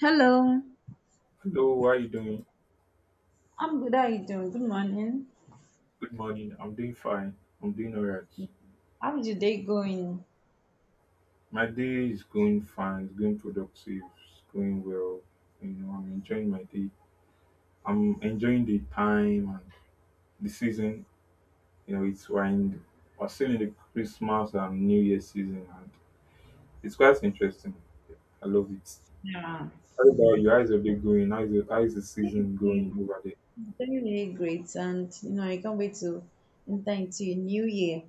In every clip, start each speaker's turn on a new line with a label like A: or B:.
A: Hello,
B: Hello, how are you doing?
A: I'm good. How you doing? Good morning.
B: Good morning. I'm doing fine. I'm doing all right.
A: How's your day going?
B: My day is going fine. It's going productive. It's going well. You know, I'm enjoying my day. I'm enjoying the time and the season. You know, it's when we're still in the Christmas and New Year season, and it's quite interesting. I love it.
A: Yeah,
B: How about you? How's your day going? How's the
A: day is
B: season going
A: going
B: over there?
A: It's very really great, and you know, I can't wait to enter into a new year.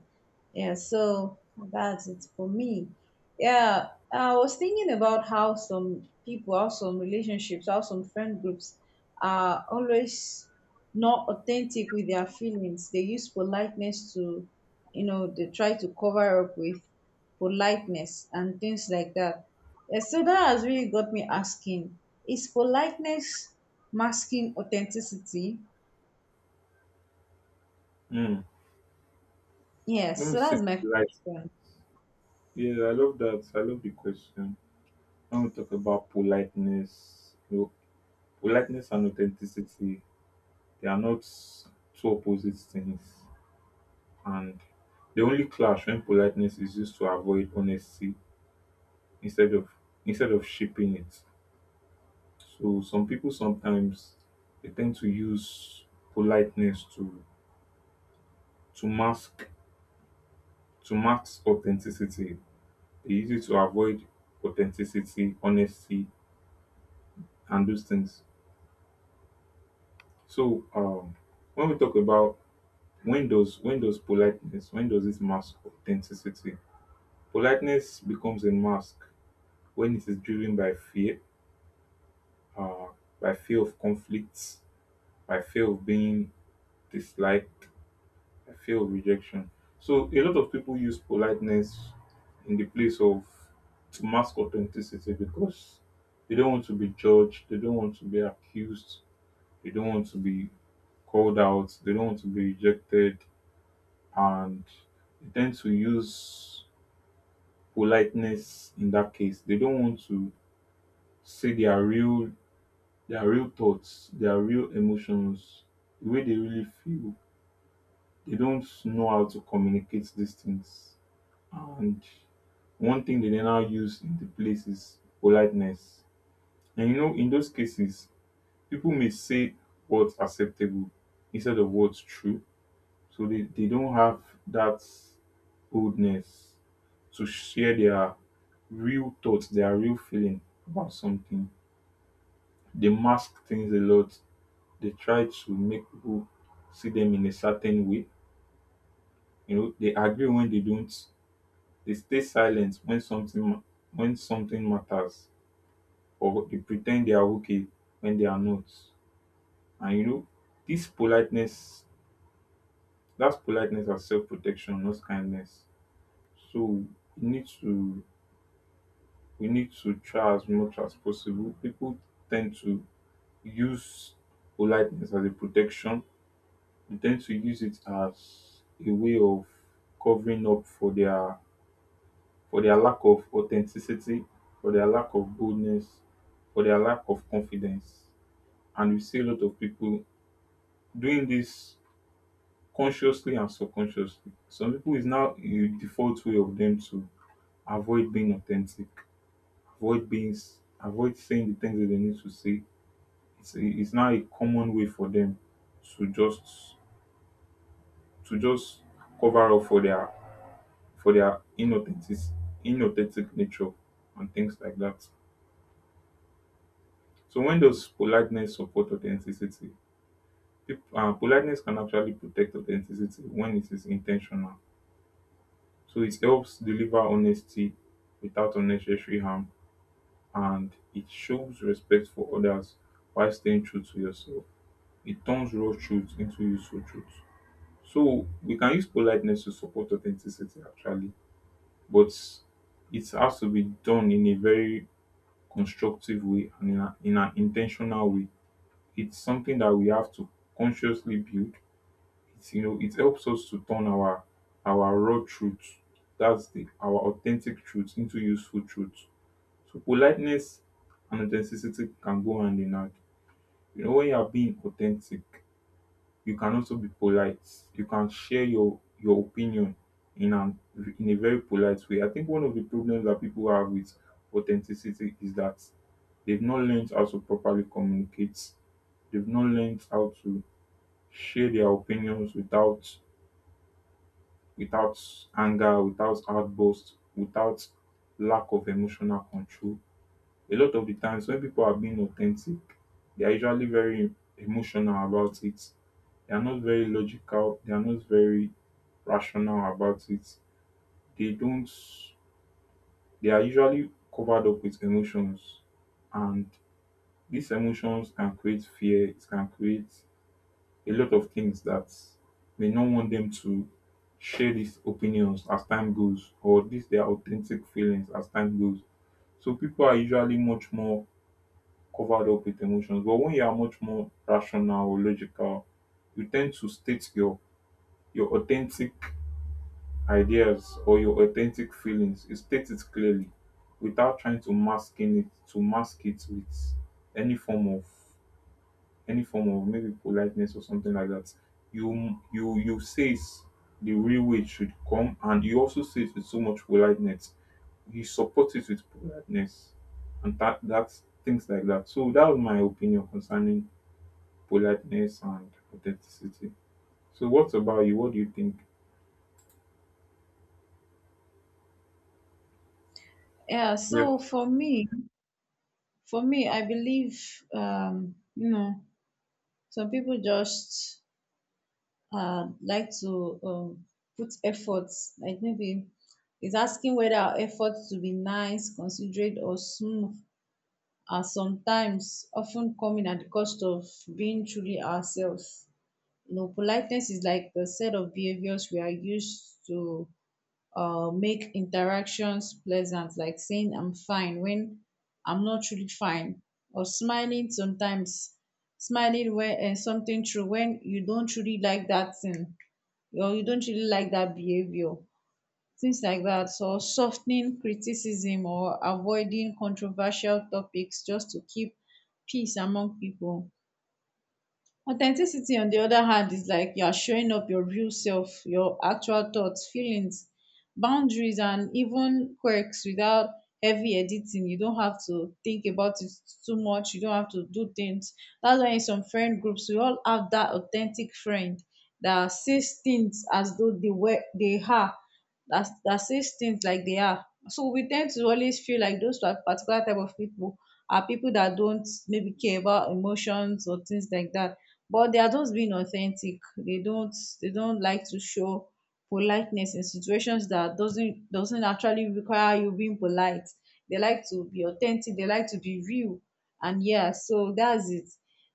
A: Yeah, so that's it for me. Yeah, I was thinking about how some people, how some relationships, how some friend groups are always not authentic with their feelings. They use politeness they try to cover up with politeness and things like that. Yeah, so that has really got me asking, is politeness masking authenticity?
B: Hmm. Let
A: Yes,
B: me
A: so
B: see.
A: that's my
B: Right.
A: question.
B: Yeah, I love that. I love the question. I want to talk about politeness. Politeness and authenticity, they are not two opposite things, and they only clash when politeness is used to avoid honesty instead of instead of shaping it. So some people sometimes, they tend to use politeness to mask to mask authenticity. They use it to avoid authenticity, honesty, and those things. So when we talk about when does politeness, when does it mask authenticity? Politeness becomes a mask when it is driven uh, by fear of conflicts, by fear of being disliked, by fear of rejection. So a lot of people use politeness in the place of to mask authenticity because they don't want to be judged, they don't want to be accused, they don't want to be called out, they don't want to be rejected, and they tend to use politeness in that case. They don't want to say their real thoughts, their real emotions, the way they really feel. They don't know how to communicate these things. And one thing they then now use in the place is politeness. And you know, in those cases, people may say what's acceptable instead of what's true. So they don't have that boldness to share their real thoughts, their real feeling about something. They mask things a lot. They try to make people see them in a certain way. You know, they agree when they don't. They stay silent when something when something matters, or they pretend they are okay when they are not. And you know, this politeness, that's politeness as self-protection, not kindness. So we need to we need to try as much as possible. People tend to use politeness as a protection. They tend to use it as a way of covering up for their lack of authenticity, for their lack of boldness, for their lack of confidence. And we see a lot of people doing this consciously and subconsciously. Some people, is now a default way of them to avoid being authentic, avoid saying the things that they need to say. It's, it's now a common way for them to just to just cover up for their inauthentic inauthentic nature and things like that. So when does politeness support authenticity? Politeness can actually protect authenticity when it is intentional. So it helps deliver honesty without unnecessary harm, and it shows respect for others while staying true to yourself. It turns raw truth into useful truth. So we can use politeness to support authenticity actually, but it has to be done in a very constructive way and in an in way. It's something that we have to consciously build. It's, you know, it helps us to turn our raw truth, that's the our authentic truth, into useful truth. So politeness and authenticity can go hand in hand. You know, when you are being authentic, you can also be polite. You can share your opinion in an in a very polite way. I think one of the problems that people have with authenticity is that they've not learned how to properly communicate. They've not learned how to share their opinions without anger, without outburst, without lack of emotional control. A lot of the times when people are being authentic, they are usually very emotional about it. They are not very logical, they are not very rational about it. They don't they are usually covered up with emotions, and these emotions can create fear, it can create a lot of things that we don't want them to share these opinions as time goes, or these their authentic feelings as time goes. So people are usually much more covered up with emotions. But when you are much more rational or logical, you tend to state your authentic ideas or your authentic feelings. You state it clearly without trying to masking it to mask it with any form of any form of maybe politeness or something like that. You say it's the real way it should come, and you also say it with so much politeness. You support it with politeness, and that's things like that. So that was my opinion concerning politeness and authenticity. So what about you? What do you think?
A: Yeah,
B: Yeah,
A: so for me, I believe, some people just like to put efforts, like maybe it's asking whether our efforts to be nice, considerate, or smooth are sometimes often coming at the cost of being truly ourselves. You know, politeness is like the set of behaviors we are used to make interactions pleasant, like saying I'm fine when I'm not really fine, or smiling when something true when you don't really like that thing or you don't really like that behavior, things like that. So softening criticism or avoiding controversial topics just to keep peace among people. Authenticity on the other hand is like you are showing up your real self, your actual thoughts, feelings, boundaries, and even quirks without heavy editing. You don't have to think about it too much, you don't have to do things. That's why in some friend groups we all have that authentic friend that says things as though they are, that sees things like they are. So we tend to always feel like those particular type of people are people that don't maybe care about emotions or things like that. But they are just being authentic. They don't like to show politeness in situations that doesn't actually require you being polite. They like to be authentic, they like to be real. And yeah, so that's it.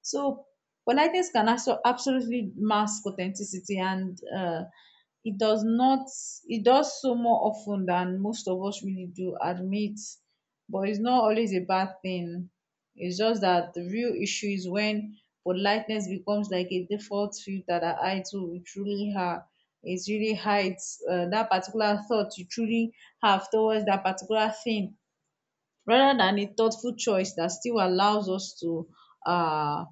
A: So politeness can also absolutely mask authenticity, and it does not, it does so more often than most of us really do admit. But it's not always a bad thing. It's just that the real issue is when politeness becomes like a default filter that hides who we truly are. It really hides that particular thought you truly have towards that particular thing, rather than a thoughtful choice that still allows us to um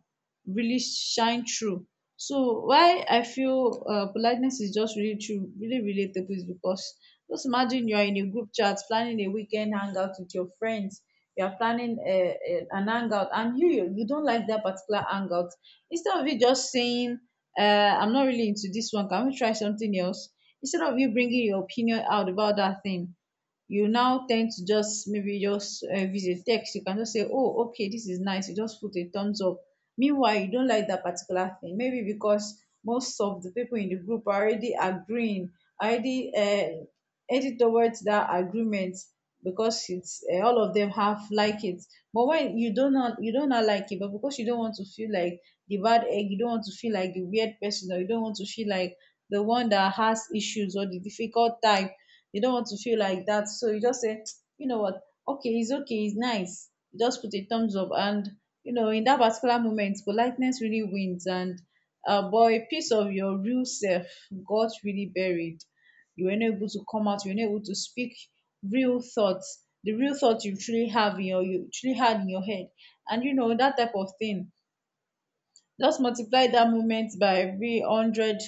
A: really shine through. So why I feel politeness is just really true, really relatable is because, just imagine you are in a group chat planning a weekend hangout with your friends. You are planning an hangout, and you don't like that particular hangout. Instead of you just saying, uh, I'm not really into this one, can we try something else? Instead of you bringing your opinion out about that thing, you now tend to just maybe just if text, you can just say, oh okay, this is nice, you just put a thumbs up. Meanwhile you don't like that particular thing, maybe because most of the people in the group are already agreeing, already headed towards that agreement, because it's, all of them have like it. But when you don't, not you don't, not like it, but because you don't want to feel like the bad egg, you don't want to feel like the weird person, or you don't want to feel like the one that has issues or the difficult type, you don't want to feel like that. So you just say, you know what? Okay, it's nice. You just put a thumbs up. And, in that particular moment, politeness really wins. And, boy, a piece of your real self got really buried. You were not able to come out, you were not able to speak real thoughts, the real thoughts you truly have in your, you truly had in your head. And, that type of thing, just multiply that moment by every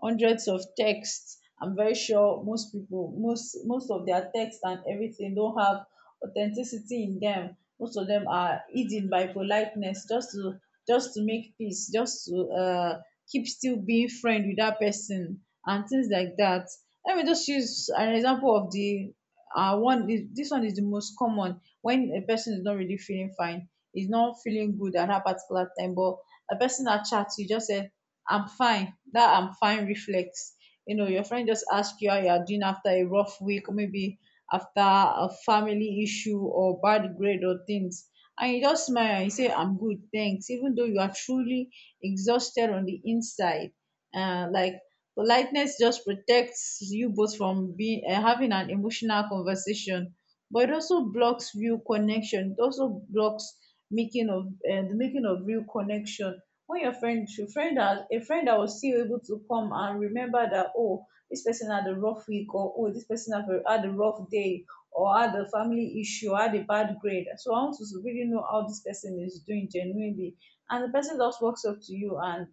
A: hundreds of texts. I'm very sure most people, most of their texts and everything don't have authenticity in them. Most of them are hidden by politeness, just to make peace, just to keep still being friend with that person and things like that. Let me just use an example of this one is the most common, when a person is not really feeling fine, is not feeling good at that particular time, but a person that chats, you just say I'm fine. That I'm fine reflex. You know, your friend just ask you how you are doing after a rough week, or maybe after a family issue or bad grade or things, and you just smile and you say I'm good, thanks, even though you are truly exhausted on the inside. Like, politeness just protects you both from being having an emotional conversation, but it also blocks real connection. It also blocks making of the making of real connection. When your friend, has a friend that was still able to come and remember that, oh, this person had a rough week, or oh, this person had a rough day, or had a family issue, or had a bad grade, so I want to really know how this person is doing genuinely. And the person just walks up to you, and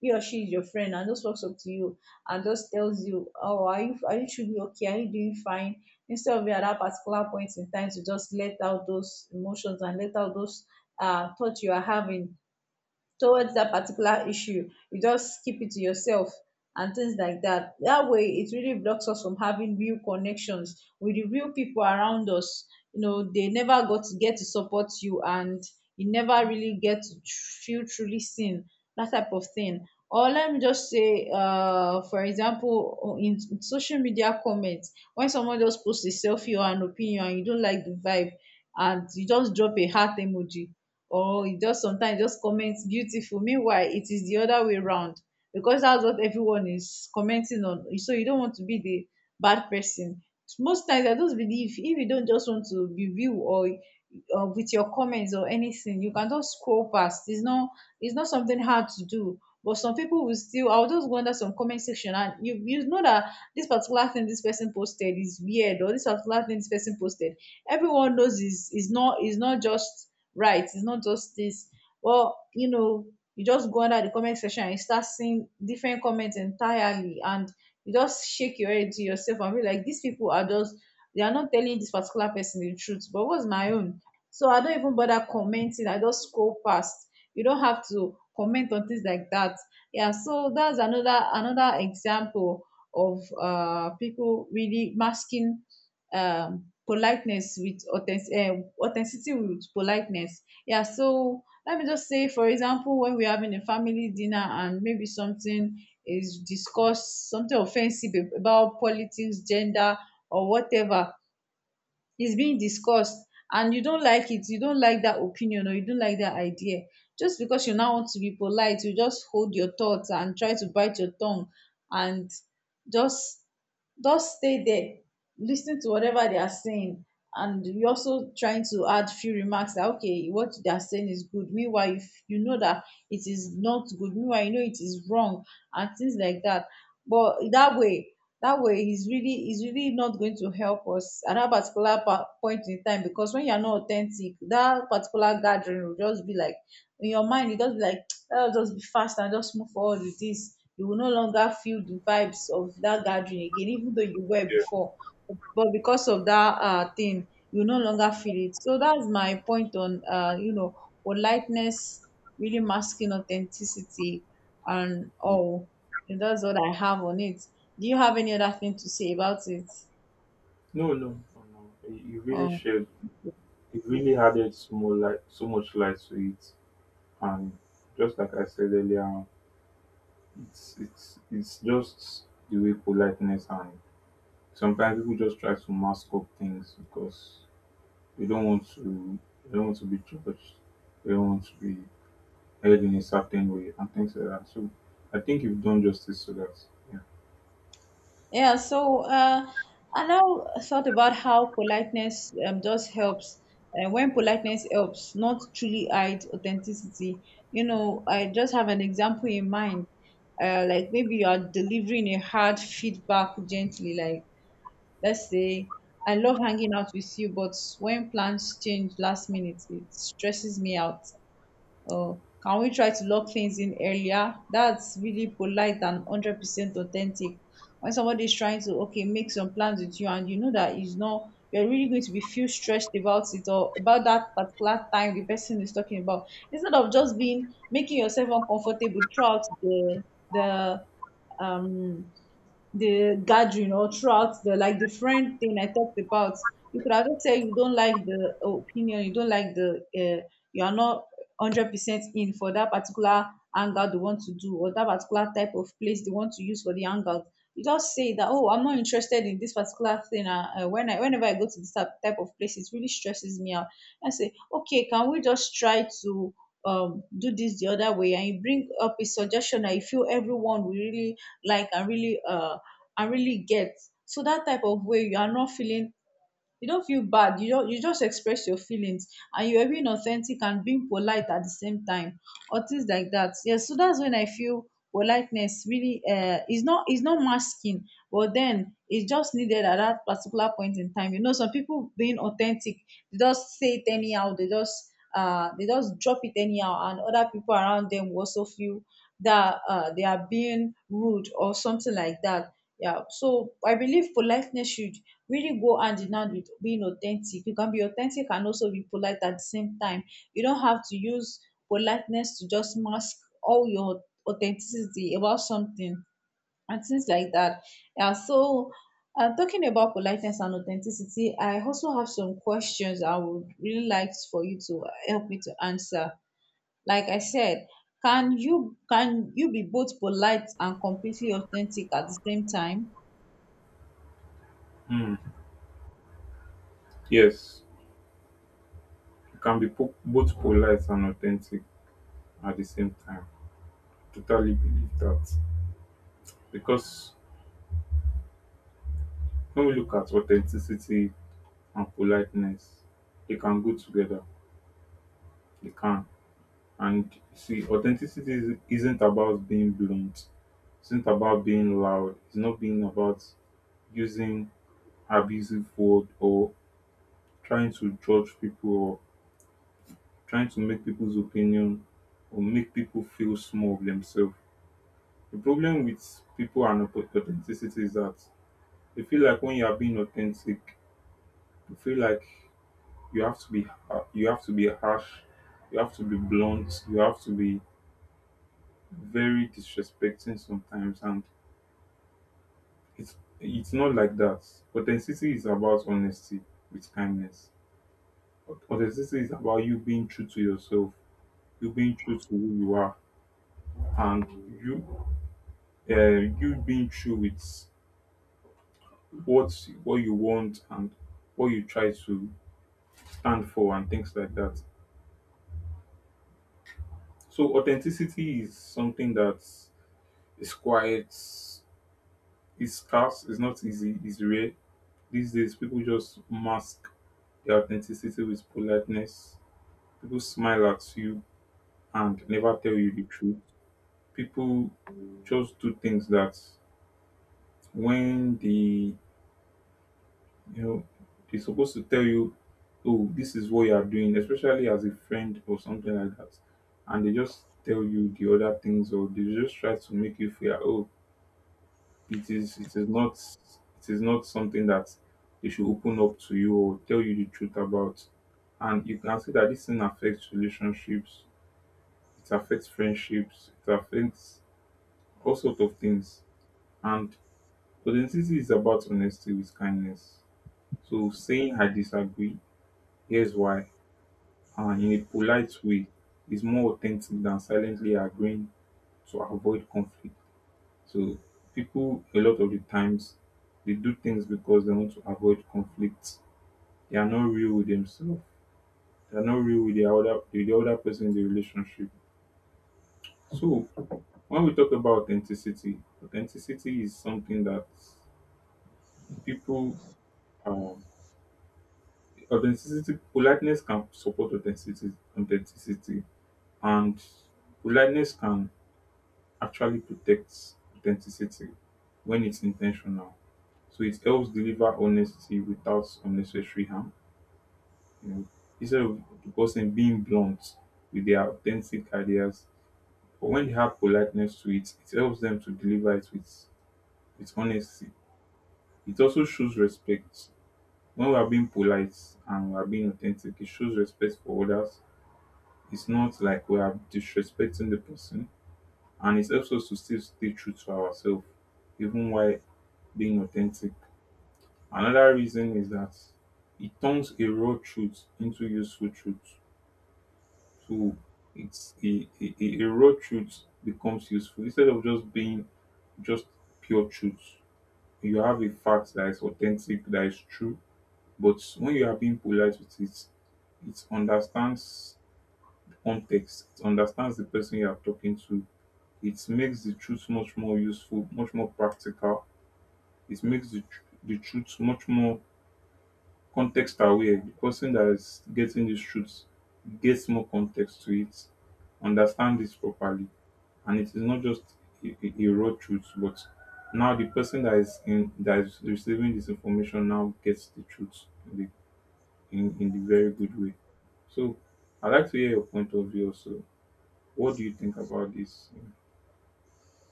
A: he or she is your friend and just walks up to you and just tells you, oh, are you should be okay? Are you doing fine? Instead of you at that particular point in time to just let out those emotions and let out those thoughts you are having towards that particular issue, you just keep it to yourself and things like that. That way, it really blocks us from having real connections with the real people around us. You know, they never got to get to support you, and you never really get to feel truly seen. That type of thing. Or, let me just say, for example, in social media comments, when someone just posts a selfie or an opinion, and you don't like the vibe, and you just drop a heart emoji, or e just sometimes just comment beautiful, meanwhile it is the other way round, because that's what everyone is commenting on, so you don't want to be the bad person. Most times I just believe, if you don't just want to be view, or with your comments or anything, you can just scroll past. It's not something hard to do. But some people will still, I'll just go under some comment section, and you, you know, that this particular thing this person posted is weird, or this particular thing this person posted, everyone knows is not just right. It's not just this. Well, you just go under the comment section and you start seeing different comments entirely, and you just shake your head to yourself and be like, these people are just, they are not telling this particular person the truth. But what's my own? So I don't even bother commenting, I just scroll past. You don't have to comment on things like that. Yeah, so that's another example of people really masking, politeness with authenticity with politeness. Yeah, so let me just say, for example, when we're having a family dinner and maybe something is discussed, something offensive about politics, gender, or whatever, is being discussed, and you don't like it, you don't like that opinion, or you don't like that idea. Just because you now want to be polite, you just hold your thoughts and try to bite your tongue, and just just stay there listening to whatever they are saying, and you also trying to add few remarks that, okay, what they are saying is good, meanwhile if you know that it is not good, meanwhile you know it is wrong and things like that. But that way, is really not going to help us at that particular point in time, because when you're not authentic, that particular gathering will just be like, in your mind you just be like, oh, just be fast and just move forward with this. You will no longer feel the vibes of that gathering again, even though you were
B: yeah.
A: before. But because of that thing, you no longer feel it. So that's my point on, politeness really masking authenticity and
B: Yeah.
A: all. And that's what I have on it. Do you have any other thing to say about it?
B: No, no, no, no. You really
A: Oh,
B: shared. It really added so more light, so much light to it, and just like I said earlier. It's just the way politeness and sometimes people just try to mask up things because they don't want to they don't want to be judged. They don't want to be held in a certain way and things like that. So I think you've done justice to that. Yeah.
A: yeah. So I now thought about how politeness just helps. And when politeness helps, not truly hide authenticity. You know, I just have an example in mind. Like maybe you are delivering a hard feedback gently. Like let's say, I love hanging out with you, but when plans change last minute, it stresses me out. Oh, can we try to lock things in earlier? That's really polite and 100% authentic. When somebody is trying to, okay, make some plans with you and you know that is not, you're really going to be feel stressed about it or about that particular time the person is talking about. Instead of just being, making yourself uncomfortable throughout the, um the gathering or throughout the like the friend thing I talked about. You could have just said you don't like the opinion, you don't like the you are not 100% in for that particular hangout they want to do or that particular type of place they want to use for the hangout. You just say that oh I'm not interested in this particular thing. Whenever I go to this type of place, it really stresses me out. I say okay, can we just try to do this the other way, and you bring up a suggestion that you feel everyone will really like and really get. So that type of way you are not feeling, you don't feel bad, you just express your feelings, and you are being authentic and being polite at the same time or things like that. Yes, so that's when I feel politeness really is not masking, but then it's just needed at that particular point in time. You know, some people being authentic, they just say it anyhow, they just drop it anyhow, and other people around them will also feel that they are being rude or something like that. Yeah, so I believe politeness should really go hand in hand with being authentic. You can be authentic and also be polite at the same time. You don't have to use politeness to just mask all your authenticity about something and things like that. Yeah, so talking about politeness and authenticity, I also have some questions I would really like for you to help me to answer. Like I said, can you be both polite and completely authentic at the same time?
B: Hmm. Yes. You can be both polite and authentic at the same time. Totally believe that. Because when we look at authenticity and politeness, they can go together. They can. And see, isn't about being blunt. It's not about being loud. It's not being about using abusive word, or trying to judge people, or trying to make people's opinion, or make people feel small of themselves. The problem with people and authenticity is that they feel like when you are being authentic, you feel like you have to you have to be harsh, you have to be blunt, you have to be very disrespecting sometimes, and it's not like that. Authenticity is about honesty with kindness. Authenticity is about you being true to yourself, you being true to who you are, and you you being true with what you want and what you try to stand for and things like that. So authenticity is something that is quite is scarce. It's not easy. It's rare these days. People just mask their authenticity with politeness. People smile at you and never tell you the truth. People just do things that when they, you know, they're supposed to tell you, oh, this is what you are doing, especially as a friend or something like that, and they just tell you the other things or they just try to make you feel like, oh it is not, it is not something that they should open up to you or tell you the truth about. And you can see that this thing affects relationships, it affects friendships, it affects all sorts of things. And authenticity is about honesty with kindness. So saying I disagree, here's why, in a polite way, is more authentic than silently agreeing to avoid conflict. So people a lot of the times, they do things because they want to avoid conflict. They are not real with themselves. They are not real with the other person in the relationship. So when we talk about authenticity, authenticity is something that people um, authenticity, politeness can support authenticity, authenticity, and politeness can actually protect authenticity when it's intentional. So it helps deliver honesty without unnecessary harm. You know, instead of the person being blunt with their authentic ideas, but when they have politeness to it, it helps them to deliver it with honesty. It also shows respect. When we are being polite and we are being authentic, it shows respect for others. It's not like we are disrespecting the person, and it helps us to still stay true to ourselves, even while being authentic. Another reason is that it turns a raw truth into useful truth. So it's a a raw truth becomes useful instead of just being just pure truth. You have a fact that is authentic, that is true, but when you are being polite with it, it understands the context, it understands the person you are talking to, it makes the truth much more useful, much more practical. It makes the truth much more context aware. The person that is getting this truth gets more context to it, understand this properly, and it is not just a raw truth, but now the person that is in that is receiving this information now gets the truth in the very good way. So I'd like to hear your point of view also. What do you think about this?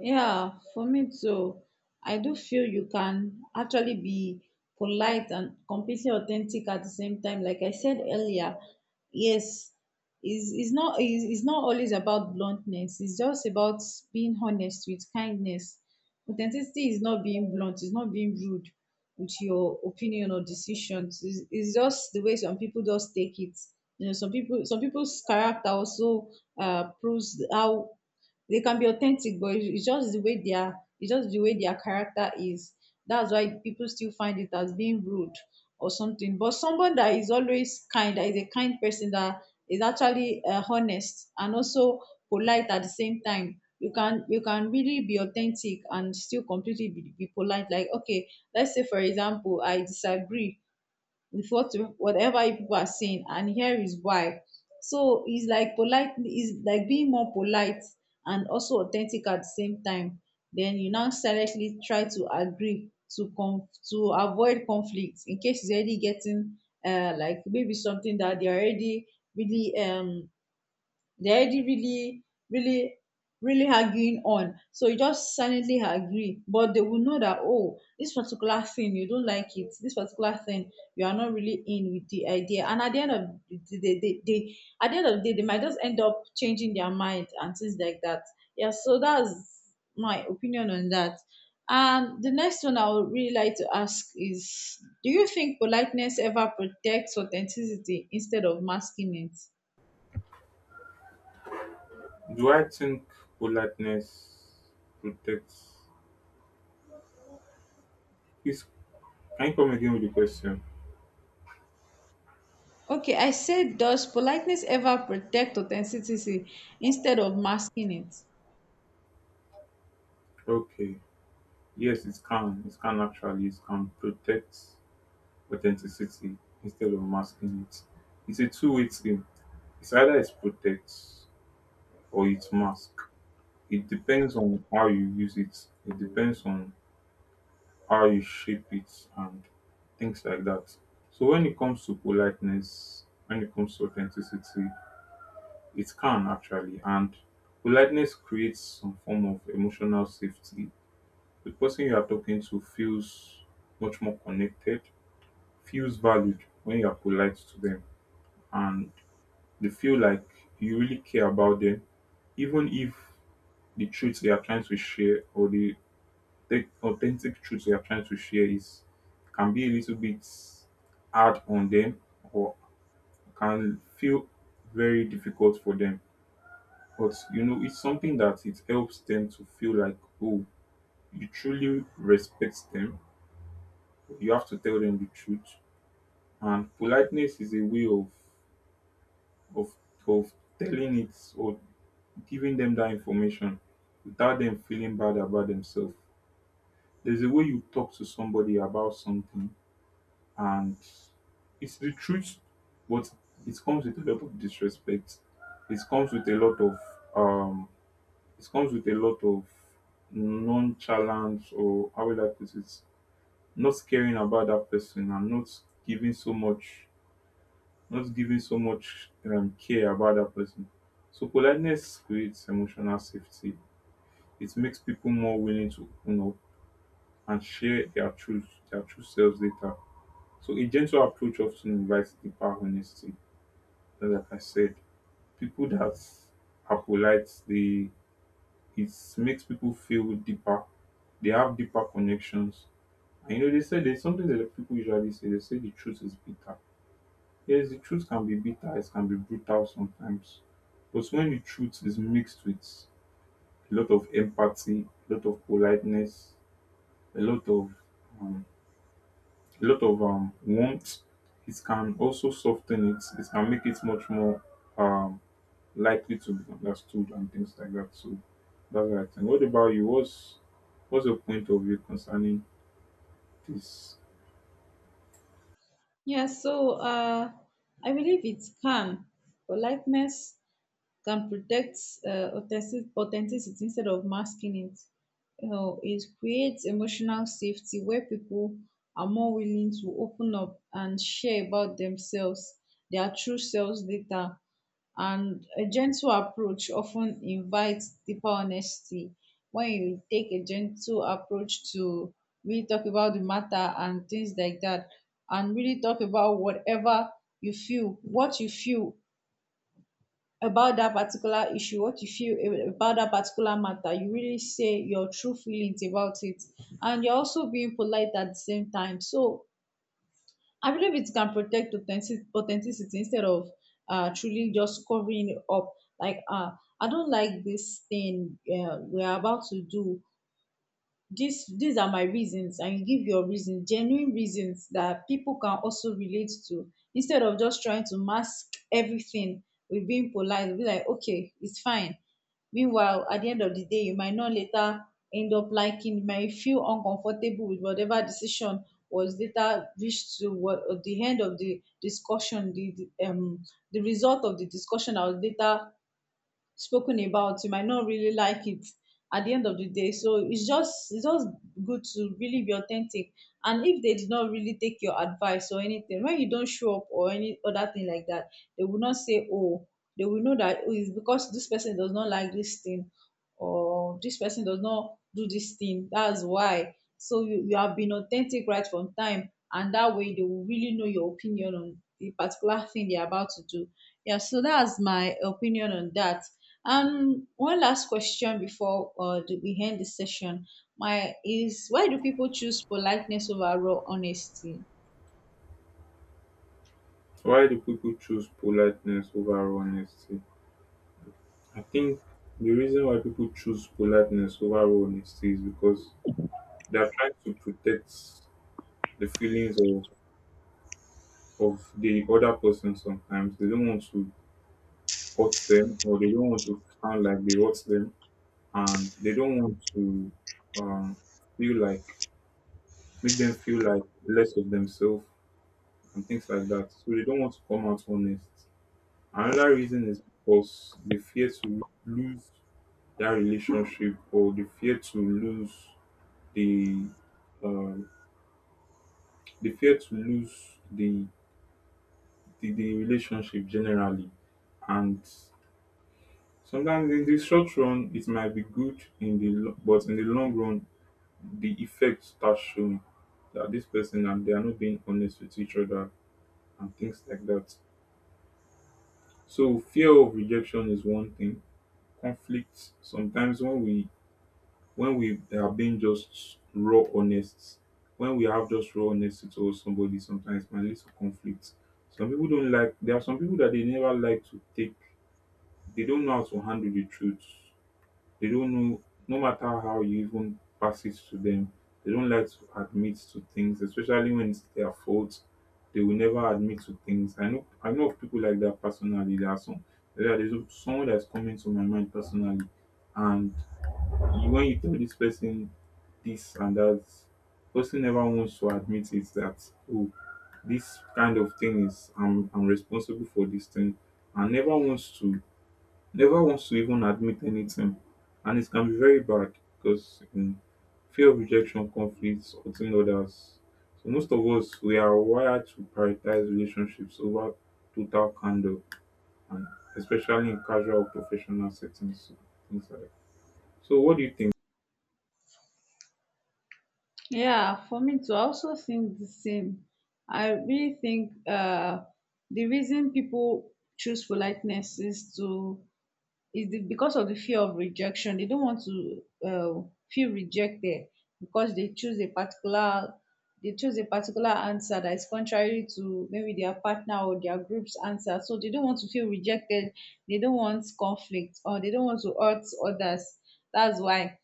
A: Yeah, for me too. I do feel you can actually be polite and completely authentic at the same time. Like I said earlier, yes, is not always about bluntness. It's just about being honest with kindness. Authenticity is not being blunt. It's not being rude with your opinion or decisions. It's just the way some people just take it. You know, some people's character also proves how they can be authentic, but it's just the way their, it's just the way their character is. That's why people still find it as being rude or something. But someone that is always kind, that is a kind person, that is actually honest and also polite at the same time. You can really be authentic and still completely be polite. Like okay, let's say for example, I disagree with whatever you people are saying and here is why. So it's like polite, it's like being more polite and also authentic at the same time, then you now silently try to agree to to avoid conflict, in case it's already getting like maybe something that they're already really they're already really, really arguing on. So you just silently agree, but they will know that, oh, this particular thing, you don't like it. This particular thing, you are not really in with the idea. And at the end of the day, at the end of the day, they might just end up changing their mind and things like that. Yeah, so that's my opinion on that. And the next one I would really like to ask is, do you think politeness ever protects authenticity instead of masking it?
B: Do I think politeness protects? Please, can you come again with the question?
A: Okay, I said, does politeness ever protect authenticity instead of masking it?
B: Okay. Yes, it can. It can actually. It can protect authenticity instead of masking it. It's a two-way thing. It's either it protects or it masks. It depends on how you use it. It depends on how you shape it and things like that. So when it comes to politeness, when it comes to authenticity, it can actually, and politeness creates some form of emotional safety. The person you are talking to feels much more connected, feels valued when you are polite to them, and they feel like you really care about them, even if the truth they are trying to share or the authentic truth they are trying to share is can be a little bit hard on them or can feel very difficult for them. But you know, it's something that it helps them to feel like, oh, you truly respect them. You have to tell them the truth. And politeness is a way of of telling it or giving them that information without them feeling bad about themselves. There's a way you talk to somebody about something and it's the truth, but it comes with a lot of disrespect. It comes with a lot of um it comes with a lot of nonchalance, or how will I put it? Not caring about that person and not giving so much, not giving so much care about that person. So politeness creates emotional safety. It makes people more willing to open up and share their truth, their true selves later. So a gentle approach often invites deeper honesty. Like I said, people that are polite, they it makes people feel deeper. They have deeper connections. And you know, they say there's something that people usually say. They say the truth is bitter. Yes, the truth can be bitter. It can be brutal sometimes. But when the truth is mixed with a lot of empathy, a lot of politeness, a lot of um, a lot of warmth, it can also soften it. It can make it much more um, likely to be understood and things like that. So that's what I think. What about you? What's your point of view concerning this?
A: Yeah, so I believe it can. Politeness can protect authenticity instead of masking it. You know, it creates emotional safety where people are more willing to open up and share about themselves, their true selves later. And a gentle approach often invites deeper honesty. When you take a gentle approach to really talk about the matter and things like that, and really talk about whatever you feel, what you feel about that particular issue, what you feel about that particular matter. You really say your true feelings about it, and you're also being polite at the same time. So I believe it can protect authenticity instead of truly just covering it up. Like, I don't like this thing we're about to do. This These are my reasons, and you give your reason, genuine reasons that people can also relate to, instead of just trying to mask everything with being polite, be like, okay, it's fine. Meanwhile, at the end of the day, you might not later end up liking, you might feel uncomfortable with whatever decision was later reached to what at the end of the discussion, the result of the discussion that was later spoken about, you might not really like it at the end of the day. So it's just good to really be authentic. And if they did not really take your advice or anything, when you don't show up or any other thing like that, they will not say oh, they will know that, oh, it's because this person does not like this thing, or this person does not do this thing, that's why. So you have been authentic right from time, and that way they will really know your opinion on the particular thing they're about to do. Yeah, so that's my opinion on that. One last question before we end the session. My is why do people choose politeness over raw honesty?
B: Why do people choose politeness over honesty? I think the reason why people choose politeness over honesty is because they're trying to protect the feelings of the other person sometimes. They don't want to hurt them or they don't want to sound like they hurt them and they don't want to um, feel like make them feel like less of themselves and things like that. So they don't want to come out honest. Another reason is because they fear to lose that relationship or they fear to lose the um, they fear to lose the relationship generally, and sometimes in the short run it might be good in the lo- but in the long run the effect starts showing that this person and they are not being honest with each other and things like that. So fear of rejection is one thing. Conflict sometimes when we are being just raw honest, when we have just raw honesty towards somebody, sometimes it might lead to conflict. Some people don't like, there are some people that they never like to take, they don't know how to handle the truth. They don't know, no matter how you even pass it to them, they don't like to admit to things, especially when it's their fault. They will never admit to things. I know of people like that personally. There are some, there is someone that's coming to my mind personally, and you when you tell this person this and that, person never wants to admit it that oh this kind of thing is I'm responsible for this thing and never wants to never wants to even admit anything, and it can be very bad because fear of rejection, conflicts, hurting others. So most of us we are wired to prioritize relationships over total candor and especially in casual professional settings. So, things like that. So what do you think?
A: Yeah, for me too, I also think the same. I really think the reason people choose politeness is to is the because of the fear of rejection. They don't want to uh, feel rejected because they choose a particular, they choose a particular answer that is contrary to maybe their partner or their group's answer, so they don't want to feel rejected, they don't want conflict, or they don't want to hurt others. That's why.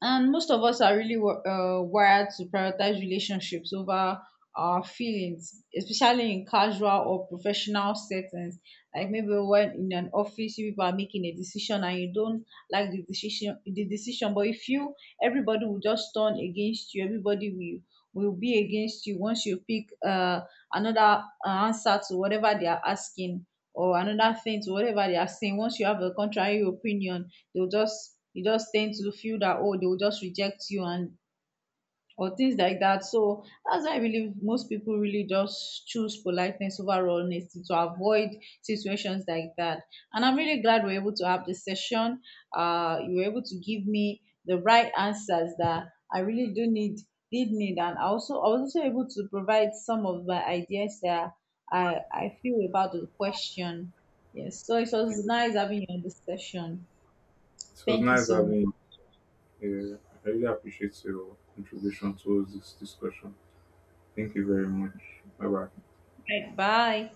A: And most of us are really wired to prioritize relationships over our feelings, especially in casual or professional settings. Like maybe when in an office, you people are making a decision and you don't like the decision. But if you, everybody will just turn against you. Everybody will be against you once you pick another answer to whatever they are asking or another thing to whatever they are saying. Once you have a contrary opinion, they'll just, you just tend to feel that oh they'll just reject you, and or things like that. So that's why I believe most people really just choose politeness over honesty to avoid situations like that. And I'm really glad we're able to have this session. You were able to give me the right answers that I really do need did need, and I also, I was also able to provide some of my ideas that I feel about the question. Yes, so it was nice having you on this session.
B: It was
A: Thank you
B: nice
A: so much.
B: having you. I really appreciate your contribution towards this discussion. Thank you very much. Bye bye.
A: Right, bye.